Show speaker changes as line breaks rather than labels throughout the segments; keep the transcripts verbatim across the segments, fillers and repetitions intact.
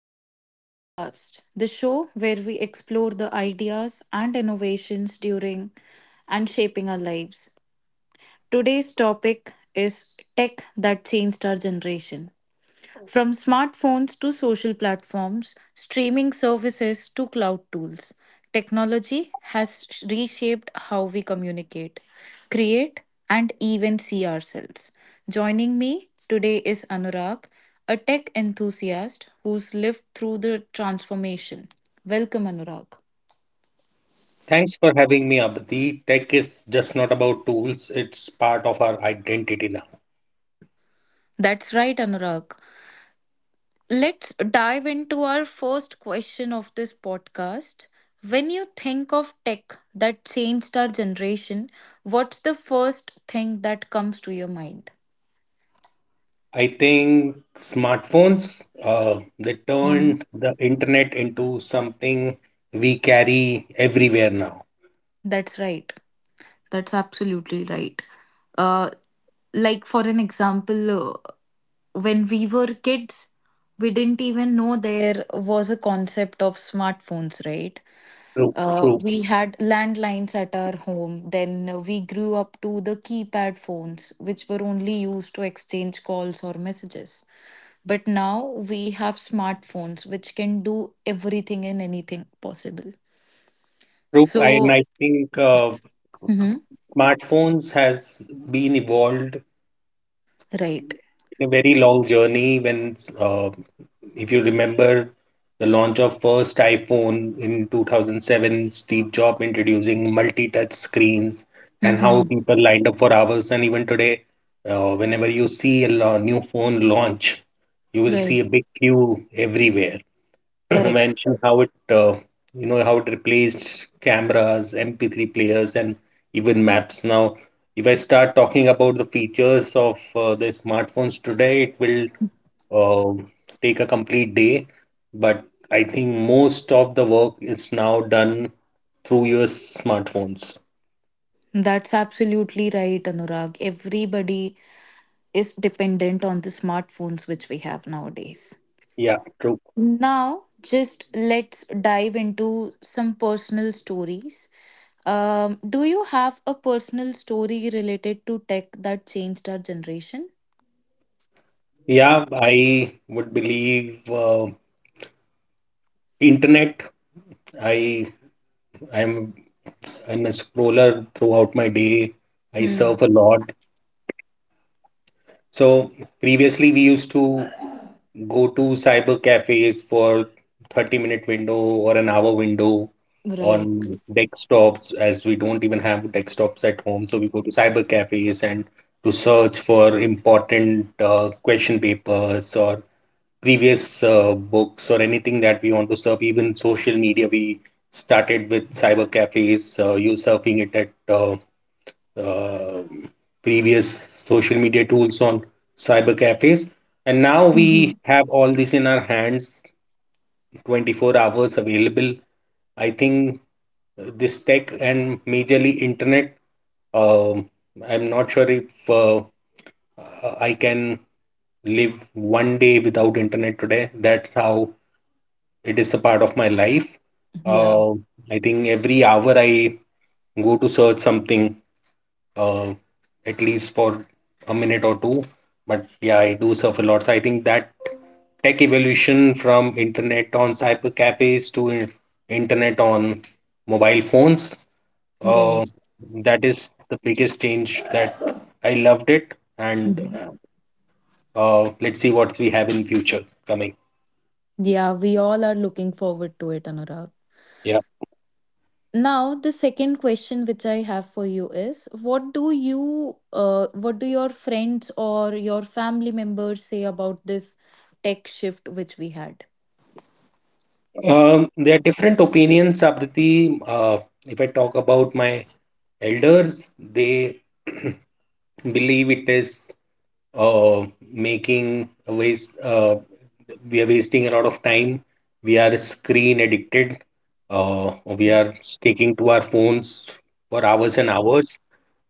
Welcome to our podcast, the show where we explore the ideas and innovations during and shaping our lives. Today's topic is tech that changed our generation. From smartphones to social platforms, streaming services to cloud tools, technology has reshaped how we communicate, create, and even see ourselves. Joining me today is Anurag, a tech enthusiast who's lived through the transformation. Welcome, Anurag.
Thanks for having me, Abdi. Tech is just not about tools, it's part of our identity now.
That's right, Anurag. Let's dive into our first question of this podcast. When you think of tech that changed our generation, what's the first thing that comes to your mind?
I think smartphones, uh, they
Mhm.
turned the internet into something we carry everywhere now.
That's right. That's absolutely right. Uh, like, for an example, uh, when we were kids, we didn't even know there was a concept of smartphones, right?
True,
Uh,
true,
we had landlines at our home. Then we grew up to the keypad phones, which were only used to exchange calls or messages. But now we have smartphones, which can do everything and anything possible.
true. And
So,
I think uh,
Mhm.
smartphones has been evolved
Right.
in a very long journey when uh, if you remember the launch of first iPhone in two thousand seven, Steve Jobs introducing multi-touch screens and how
Hmm.
people lined up for hours. And even today, uh, whenever you see a lo- new phone launch, you will see
Right.
a big queue everywhere.
Correct.
Mention how it uh, you know how it replaced cameras, M P three players, and even maps. Now, if I start talking about the features of uh, the smartphones today, it will uh, take a complete day. But I think most of the work is now done through your smartphones.
That's absolutely right, Anurag. Everybody is dependent on the smartphones which we have nowadays.
Yeah, true.
Now, just let's dive into some personal stories. Um, do you have a personal story related to tech that changed our generation?
Yeah, I would believe uh, internet. I I'm I'm a scroller throughout my day. I
Hmm.
surf a lot. So previously we used to go to cyber cafes for thirty minute window or an hour window
Right.
on desktops as we don't even have desktops at home. So we go to cyber cafes and to search for important uh, question papers or previous uh, books or anything that we want to surf. Even social media, we started with cyber cafes, uh, you surfing it at uh, uh, previous social media tools on cyber cafes. And now we
Mhm.
have all this in our hands, twenty-four hours available. I think uh, this tech and majorly internet, um, I'm not sure if uh, I can live one day without internet today. That's how it is a part of my life.
Yeah.
Uh, I think every hour I go to search something uh, at least for a minute or two. But yeah, I do surf a lot. So I think that tech evolution from internet on cyber cafes to in- internet on mobile phones, uh,
Right.
that is the biggest change that I loved it. And
Mhm.
uh, let's see what we have in future coming.
Yeah. We all are looking forward to it, Anurag.
Yeah.
Now, the second question which I have for you is: What do you, uh, what do your friends or your family members say about this tech shift which we had?
Um, there are different opinions, Abriti. Uh, if I talk about my elders, they believe it is uh, making a waste uh, we are wasting a lot of time, we are screen addicted, uh, we are sticking to our phones for hours and hours,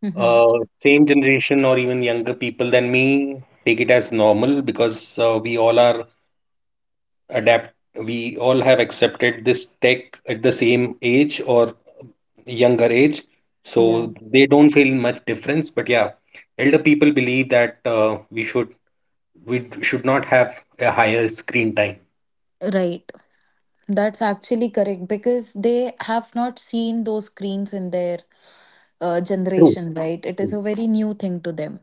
Hmm.
uh, same generation or even younger people than me take it as normal because uh, we all are adapt, we all have accepted this tech at the same age or younger age,
Yeah.
so they don't feel much difference but yeah, elder people believe that uh, we should we should not have a higher screen time.
Right. That's actually correct because they have not seen those screens in their uh,
True,
generation, right? It is
true,
a very new thing to them.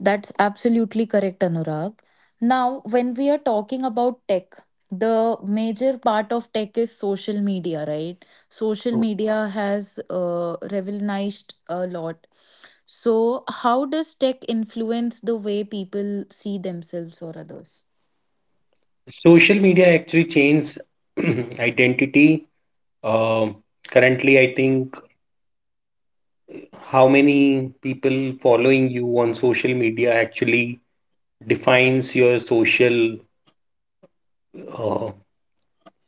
That's absolutely correct, Anurag. Now, when we are talking about tech, the major part of tech is social media, right? Social
true.
media has uh, revolutionized a lot. So, how does tech influence the way people see themselves or others?
Social media actually changes identity. Um, currently, I think how many people following you on social media actually defines your social uh,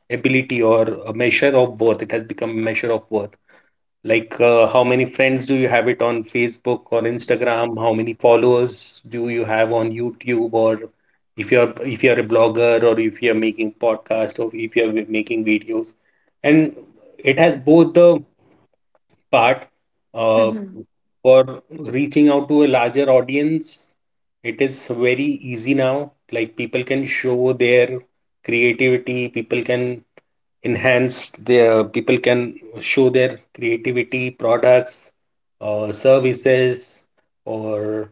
ability or a measure of worth. It has become a measure of worth. Like, uh, how many friends do you have it on Facebook or Instagram? How many followers do you have on YouTube? Or if you're if you're a blogger or if you're making podcast or if you're making videos, and it has both the part uh,
Mhm,
for reaching out to a larger audience. It is very easy now. Like people can show their creativity. People can enhanced their people can show their creativity products or services or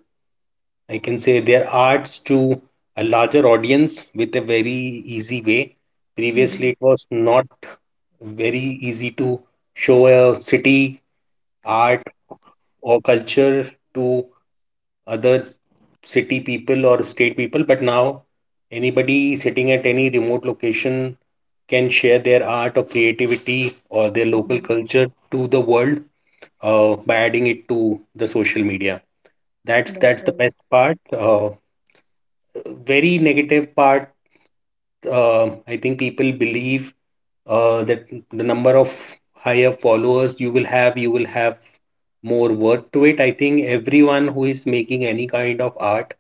I can say their arts to a larger audience with a very easy way. Previously
mhm,
it was not very easy to show a city art or culture to other city people or state people, but now anybody sitting at any remote location can share their art or creativity or their local
mhm.
culture to the world uh, by adding it to the social media. That's that's
That's
the best
right.
part. Uh, very negative part, um, I think people believe uh, that the number of higher followers you will have, you will have more worth to it. I think everyone who is making any kind of art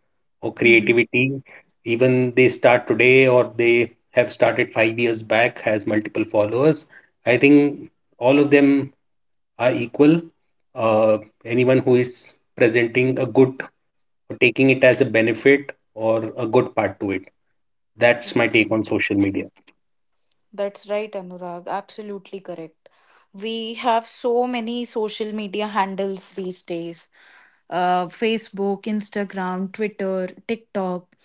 or creativity, even they start today or they have started five years back, has multiple followers. I think all of them are equal. Uh, anyone who is presenting a good or taking it as a benefit or a good part to it. That's my take on social media.
That's right, Anurag. Absolutely correct. We have so many social media handles these days, uh, Facebook, Instagram, Twitter, TikTok.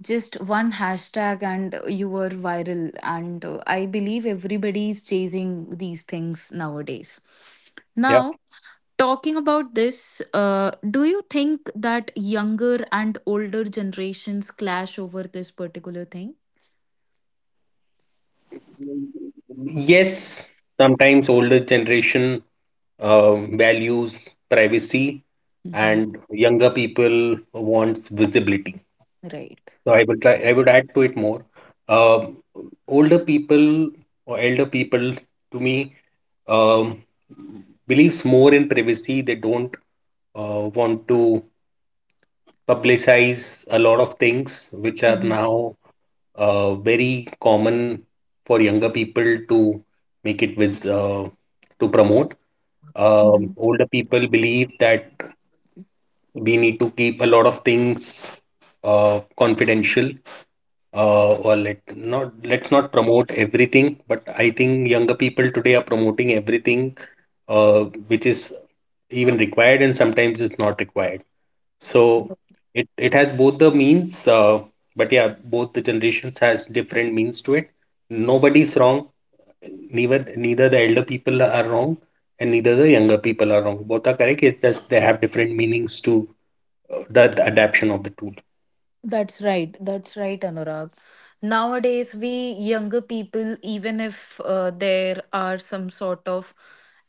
Just one hashtag and you were viral. And uh, I believe everybody is chasing these things nowadays.
Yeah.
Now, talking about this, uh, do you think that younger and older generations clash over this particular thing?
Yes, sometimes older generation uh, values privacy
Mhm.
and younger people wants visibility.
Right.
So I would try, I would add to it more. Uh, older people or elder people to me, um, believes more in privacy. They don't uh, want to publicize a lot of things which are now uh, very common for younger people to make it with uh, to promote. Um,
Mhm.
older people believe that we need to keep a lot of things uh, confidential, uh, or let not let's not promote everything. But I think younger people today are promoting everything, uh, which is even required, and sometimes it's not required. So it it has both the means, uh, but yeah, both the generations has different means to it. Nobody's wrong. Neither neither the elder people are wrong, and neither the younger people are wrong. Both are correct. It's just they have different meanings to uh, the, the adaptation of the tool.
That's right. That's right, Anurag. Nowadays, we younger people, even if uh, there are some sort of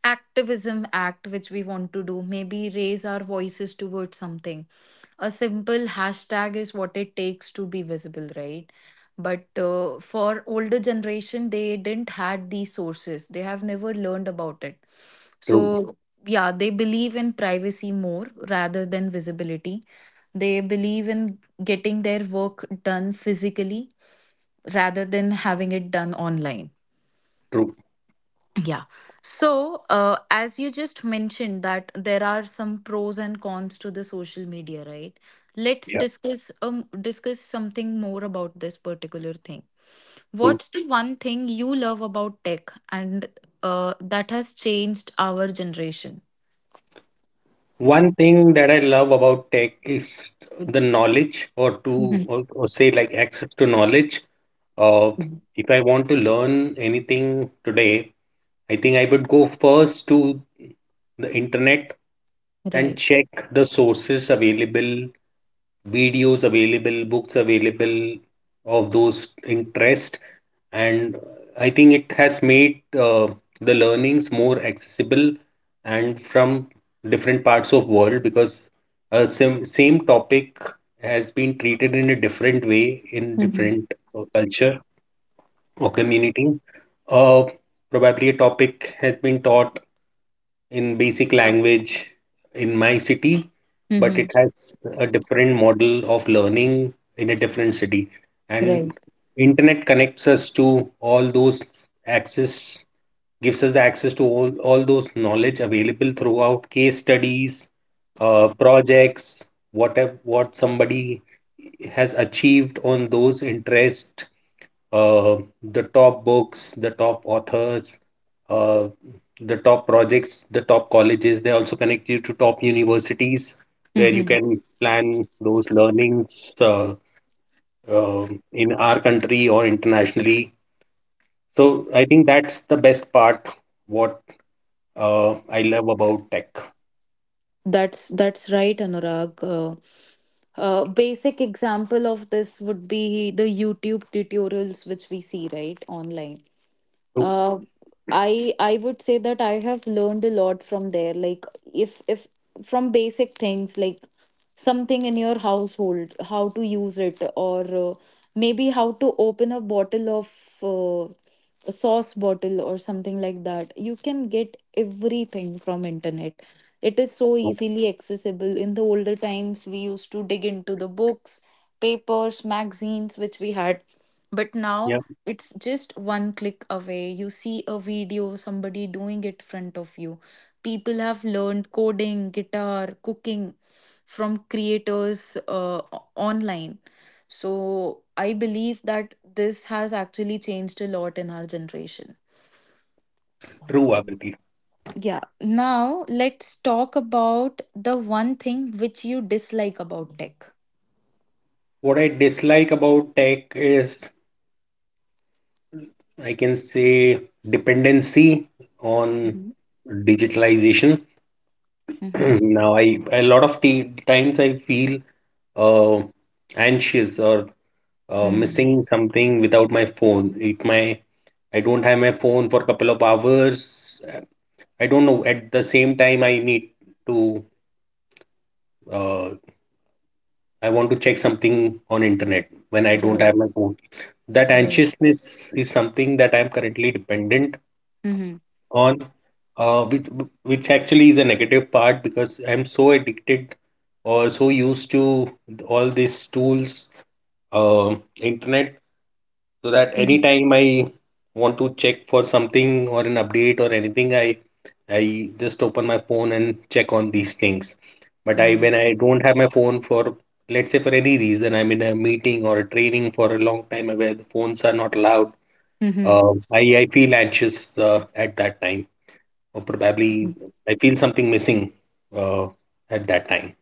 activism act which we want to do, maybe raise our voices towards something. A simple hashtag is what it takes to be visible, right? But uh, for older generation, they didn't had these sources. They have never learned about it, so
True,
yeah, they believe in privacy more rather than visibility. They believe in getting their work done physically rather than having it done online.
true.
Yeah. So, uh, as you just mentioned, that there are some pros and cons to the social media, right? Let's
Yeah,
discuss um discuss something more about this particular thing.
true.
What's the one thing you love about tech and uh, that has changed our generation?
One thing that I love about tech is the knowledge, or to
Mhm.
or, or say like access to knowledge. Uh, if I want to learn anything today, I think I would go first to the internet and
Right.
check the sources available, videos available, books available of those interest, and I think it has made uh, the learnings more accessible and from different parts of world because uh, same same topic has been treated in a different way in different uh, culture or community. Uh, probably a topic has been taught in basic language in my city, but
Mm-hmm.
it has a different model of learning in a different city.
Right.
And internet connects us to all those access, gives us the access to all, all those knowledge available throughout case studies, uh, projects, whatever what somebody has achieved on those interests, uh, the top books, the top authors, uh, the top projects, the top colleges. They also connect you to top universities where you
Mm-hmm.
can plan those learnings uh, um in our country or internationally. So I think that's the best part, what uh, I love about tech.
That's that's right, Anurag. Uh, uh, basic example of this would be the YouTube tutorials which we see right online.
True,
Uh, i i would say that I have learned a lot from there, like, if if from basic things like something in your household, how to use it, or uh, maybe how to open a bottle of uh, a sauce bottle or something like that. You can get everything from internet. It is so
true.
easily accessible. In the older times, we used to dig into the books, papers, magazines which we had. But
Yeah,
now it's just one click away. You see a video, somebody doing it front of you. People have learned coding, guitar, cooking from creators, uh, o- online. So I believe that this has actually changed a lot in our generation.
true, Avanti.
Yeah, now let's talk about the one thing which you dislike about tech.
What I dislike about tech is, I can say, dependency on
Mm-hmm.
digitalization.
Mm-hmm.
Now, I a lot of t- times I feel uh, anxious or uh,
Mm.
missing something without my phone. If my I don't have my phone for a couple of hours, uh, I don't know at the same time I need to uh, I want to check something on internet when I don't
Right,
have my phone, that
right.
anxiousness is something that I am currently dependent
Mm-hmm.
on, uh, which which actually is a negative part because I'm so addicted or so used to all these tools, uh, internet, so that
Mm-hmm.
anytime I want to check for something or an update or anything, I I just open my phone and check on these things. But I
Mm-hmm.
when I don't have my phone for, let's say for any reason, I'm in a meeting or a training for a long time where the phones are not allowed.
Mm-hmm.
Uh, I I feel anxious uh, at that time or probably I feel something missing uh, at that time.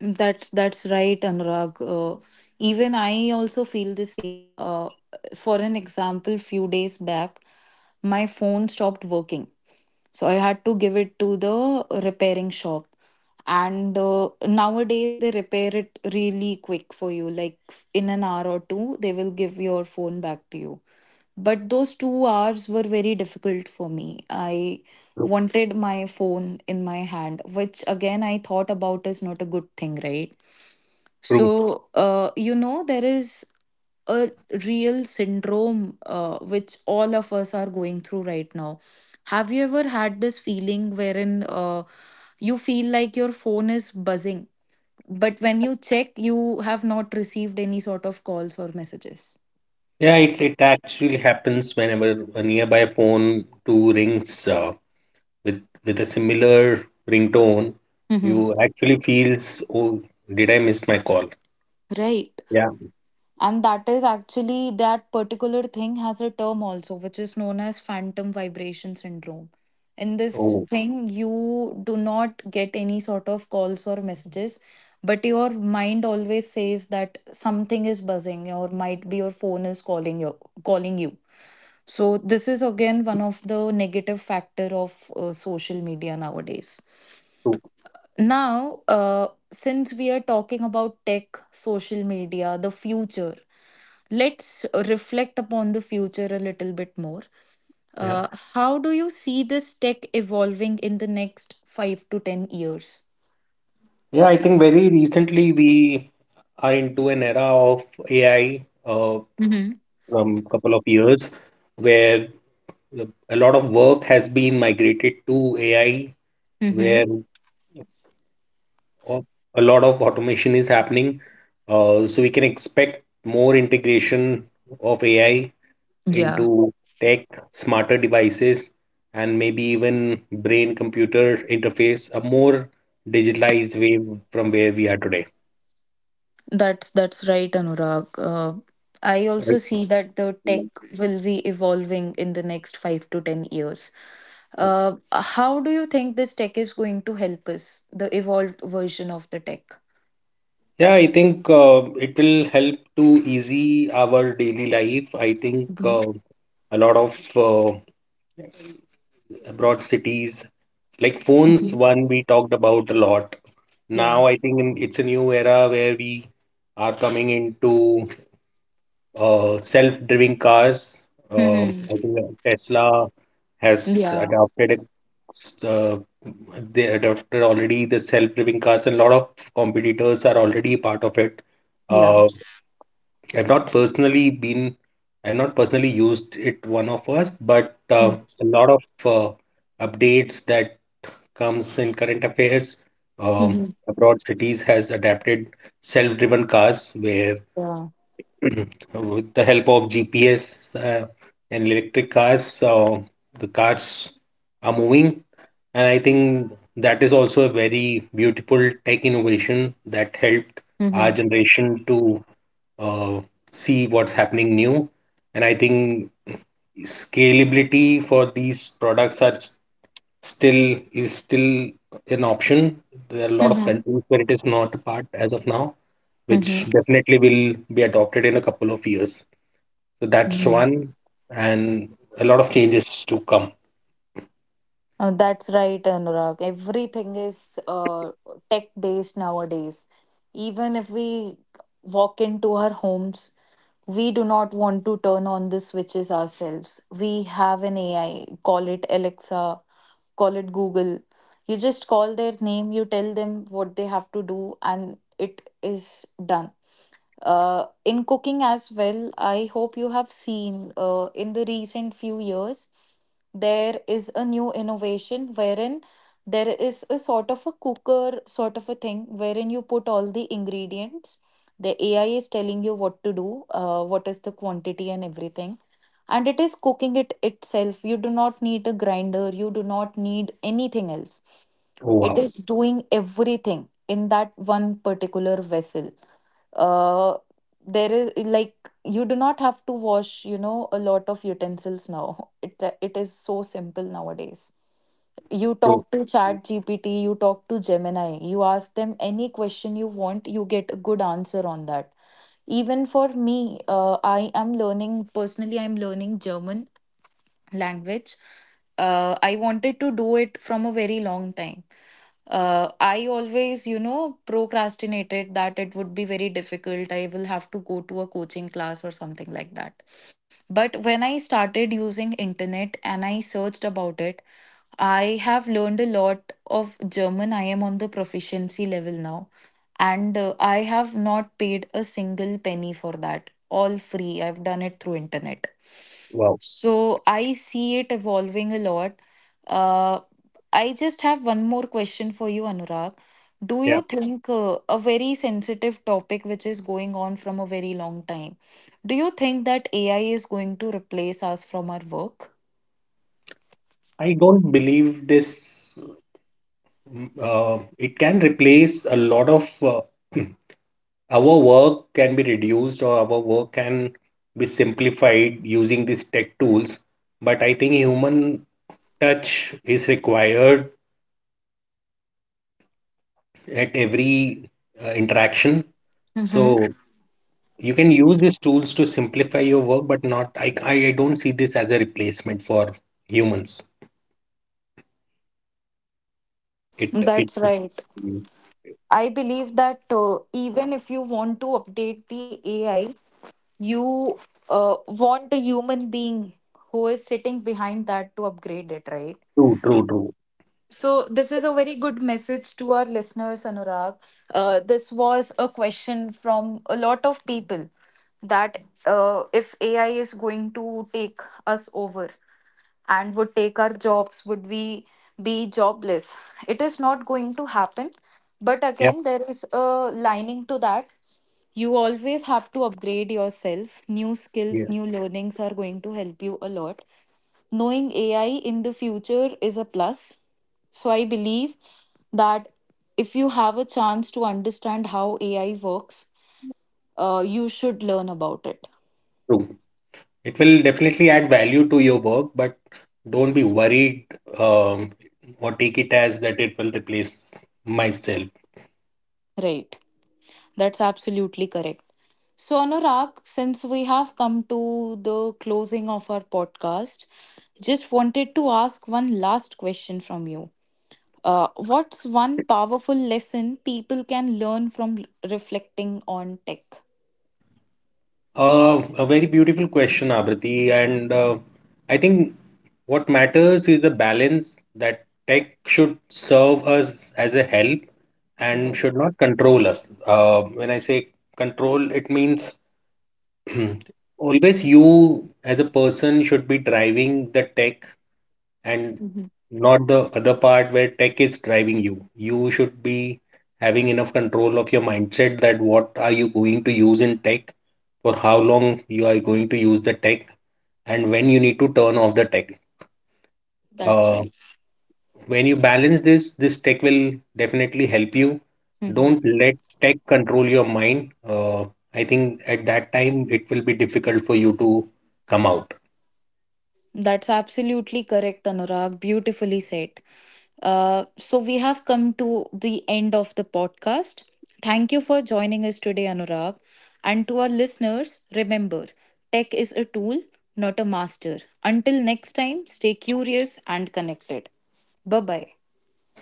That's that's right, Anurag. Uh, even I also feel the same. Uh, for an example, few days back, my phone stopped working, so I had to give it to the repairing shop. And uh, nowadays, they repair it really quick for you. Like, f- in an hour or two, they will give your phone back to you. But those two hours were very difficult for me. I
True.
wanted my phone in my hand, which again I thought about is not a good thing, right?
True.
So, uh, you know, there is a real syndrome uh, which all of us are going through right now. Have you ever had this feeling wherein uh, you feel like your phone is buzzing, but when you check, you have not received any sort of calls or messages?
Yeah, it, it actually happens whenever a nearby phone too rings uh, with with a similar ringtone.
Mm-hmm.
You actually feels, oh, did I miss my call?
Right.
Yeah.
And that is actually that particular thing has a term also, which is known as phantom vibration syndrome. In this
Oh,
thing, you do not get any sort of calls or messages, but your mind always says that something is buzzing, or might be your phone is calling you, calling you. So this is again one of the negative factor of uh, social media nowadays.
true.
Now, uh, since we are talking about tech, social media, the future, let's reflect upon the future a little bit more.
Yeah.
Uh, how do you see this tech evolving in the next five to ten years?
Yeah, I think very recently we are into an era of A I, uh,
Mm-hmm.
from couple of years where a lot of work has been migrated to A I,
Mm-hmm.
where uh, a lot of automation is happening. Uh, so we can expect more integration of A I
Yeah,
into tech, smarter devices, and maybe even brain computer interface, a more digitalized way from where we are today.
that's that's right, Anurag. Uh, I also
Right.
see that the tech will be evolving in the next five to ten years. Uh, how do you think this tech is going to help us, the evolved version of the tech?
Yeah, I think uh, it will help to easy our daily life. I think
Mhm.
uh, a lot of uh, abroad cities. Like phones,
Mhm.
one we talked about a lot.
Yeah.
Now I think in- it's a new era where we are coming into uh, self-driving cars. Um,
Mm-hmm.
I think that Tesla has
Yeah.
adopted it. s- Uh, they adopted already the self-driving cars, and a lot of competitors are already part of it.
Yeah.
Uh, I've not personally been, I've not personally used it one of us, but uh, a lot of uh, updates that comes in current affairs. Um,
Mm-hmm.
abroad cities has adapted self-driven cars where
Yeah.
with the help of G P S uh, and electric cars, uh, the cars are moving. And I think that is also a very beautiful tech innovation that
Mm-hmm.
helped our generation to uh, see what's happening new. And I think scalability for these products are s- still is still an option. There are a lot of
Mm-hmm.
countries where it is not a part as of now, which
Mm-hmm.
definitely will be adopted in a couple of years. So that's
Mhm.
one, and a lot of changes to come.
Uh, that's right, Anurag. Everything is uh, tech based nowadays. Even if we walk into our homes, we do not want to turn on the switches ourselves. We have an A I, call it Alexa, call it Google. You just call their name, you tell them what they have to do, and it is done. Uh, in cooking as well, I hope you have seen uh, in the recent few years, there is a new innovation wherein there is a sort of a cooker sort of a thing wherein you put all the ingredients. The A I is telling you what to do, uh, what is the quantity and everything. And it is cooking it itself. You do not need a grinder, you do not need anything else.
Oh,
It
wow.
is doing everything in that one particular vessel. uh there is, like, you do not have to wash, you know a lot of utensils now. it it is so simple nowadays. You
So,
talk to chat G P T, you talk to Gemini, you ask them any question you want, you get a good answer on that. Even for me, uh, I am learning personally I'm learning German language. Uh, I wanted to do it from a very long time. Uh, I always, you know, procrastinated that it would be very difficult. I will have to go to a coaching class or something like that. But when I started using internet and I searched about it, I have learned a lot of German. I am on the proficiency level now, and uh, I have not paid a single penny for that. All free. I've done it through internet.
wow.
So I see it evolving a lot. Uh, I just have one more question for you, Anurag. Do
Yeah.
you think, uh, a very sensitive topic which is going on from a very long time, do you think that A I is going to replace us from our work?
I don't believe this, mm, uh, it can replace a lot of uh, our work can be reduced or our work can be simplified using these tech tools. But I think human touch is required at every uh, interaction. So
Mm-hmm.
you can use these tools to simplify your work, but not I, I I don't see this as a replacement for humans. It it
That's right.
Mm.
I believe that uh, even if you want to update the A I, you uh, want a human being who is sitting behind that to upgrade it, right?
True, true, true.
So, this is a very good message to our listeners, Anurag. Uh, this was a question from a lot of people, that uh, if A I is going to take us over and would take our jobs, would we be jobless? It is not going to happen. But
Yeah.
again, there is a lining to that. You always have to upgrade yourself. New
Yeah,
skills, new learnings are going to help you a lot. Knowing AI in the future is a plus. So I believe that if you have a chance to understand how AI works, uh, you should learn about it.
true. It will definitely add value to your work, but don't be worried, um, or take it as that it will replace myself.
Right. That's absolutely correct. So, Anurag, since we have come to the closing of our podcast, just wanted to ask one last question from you. Uh, what's one powerful lesson people can learn from reflecting on tech?
Uh, a very beautiful question, Abrati. And uh, I think what matters is the balance that tech should serve us as a help and
Right.
should not control us. Uh, when I say control, it means always you as a person should be driving the tech and
Mhm.
not the other part where tech is driving you. You should be having enough control of your mindset that what are you going to use in tech, for how long you are going to use the tech, and when you need to turn off the tech.
That's
Uh,
right.
when you balance this, this tech will definitely help you.
Mhm.
Don't let tech control your mind. Uh, I think at that time it will be difficult for you to come out.
That's absolutely correct, Anurag. Beautifully said. Uh, so, we have come to the end of the podcast. Thank you for joining us today, Anurag. And to our listeners, remember tech is a tool, not a master. Until next time, stay curious and connected. Bye bye.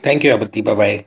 Thank you, Abati. Bye bye.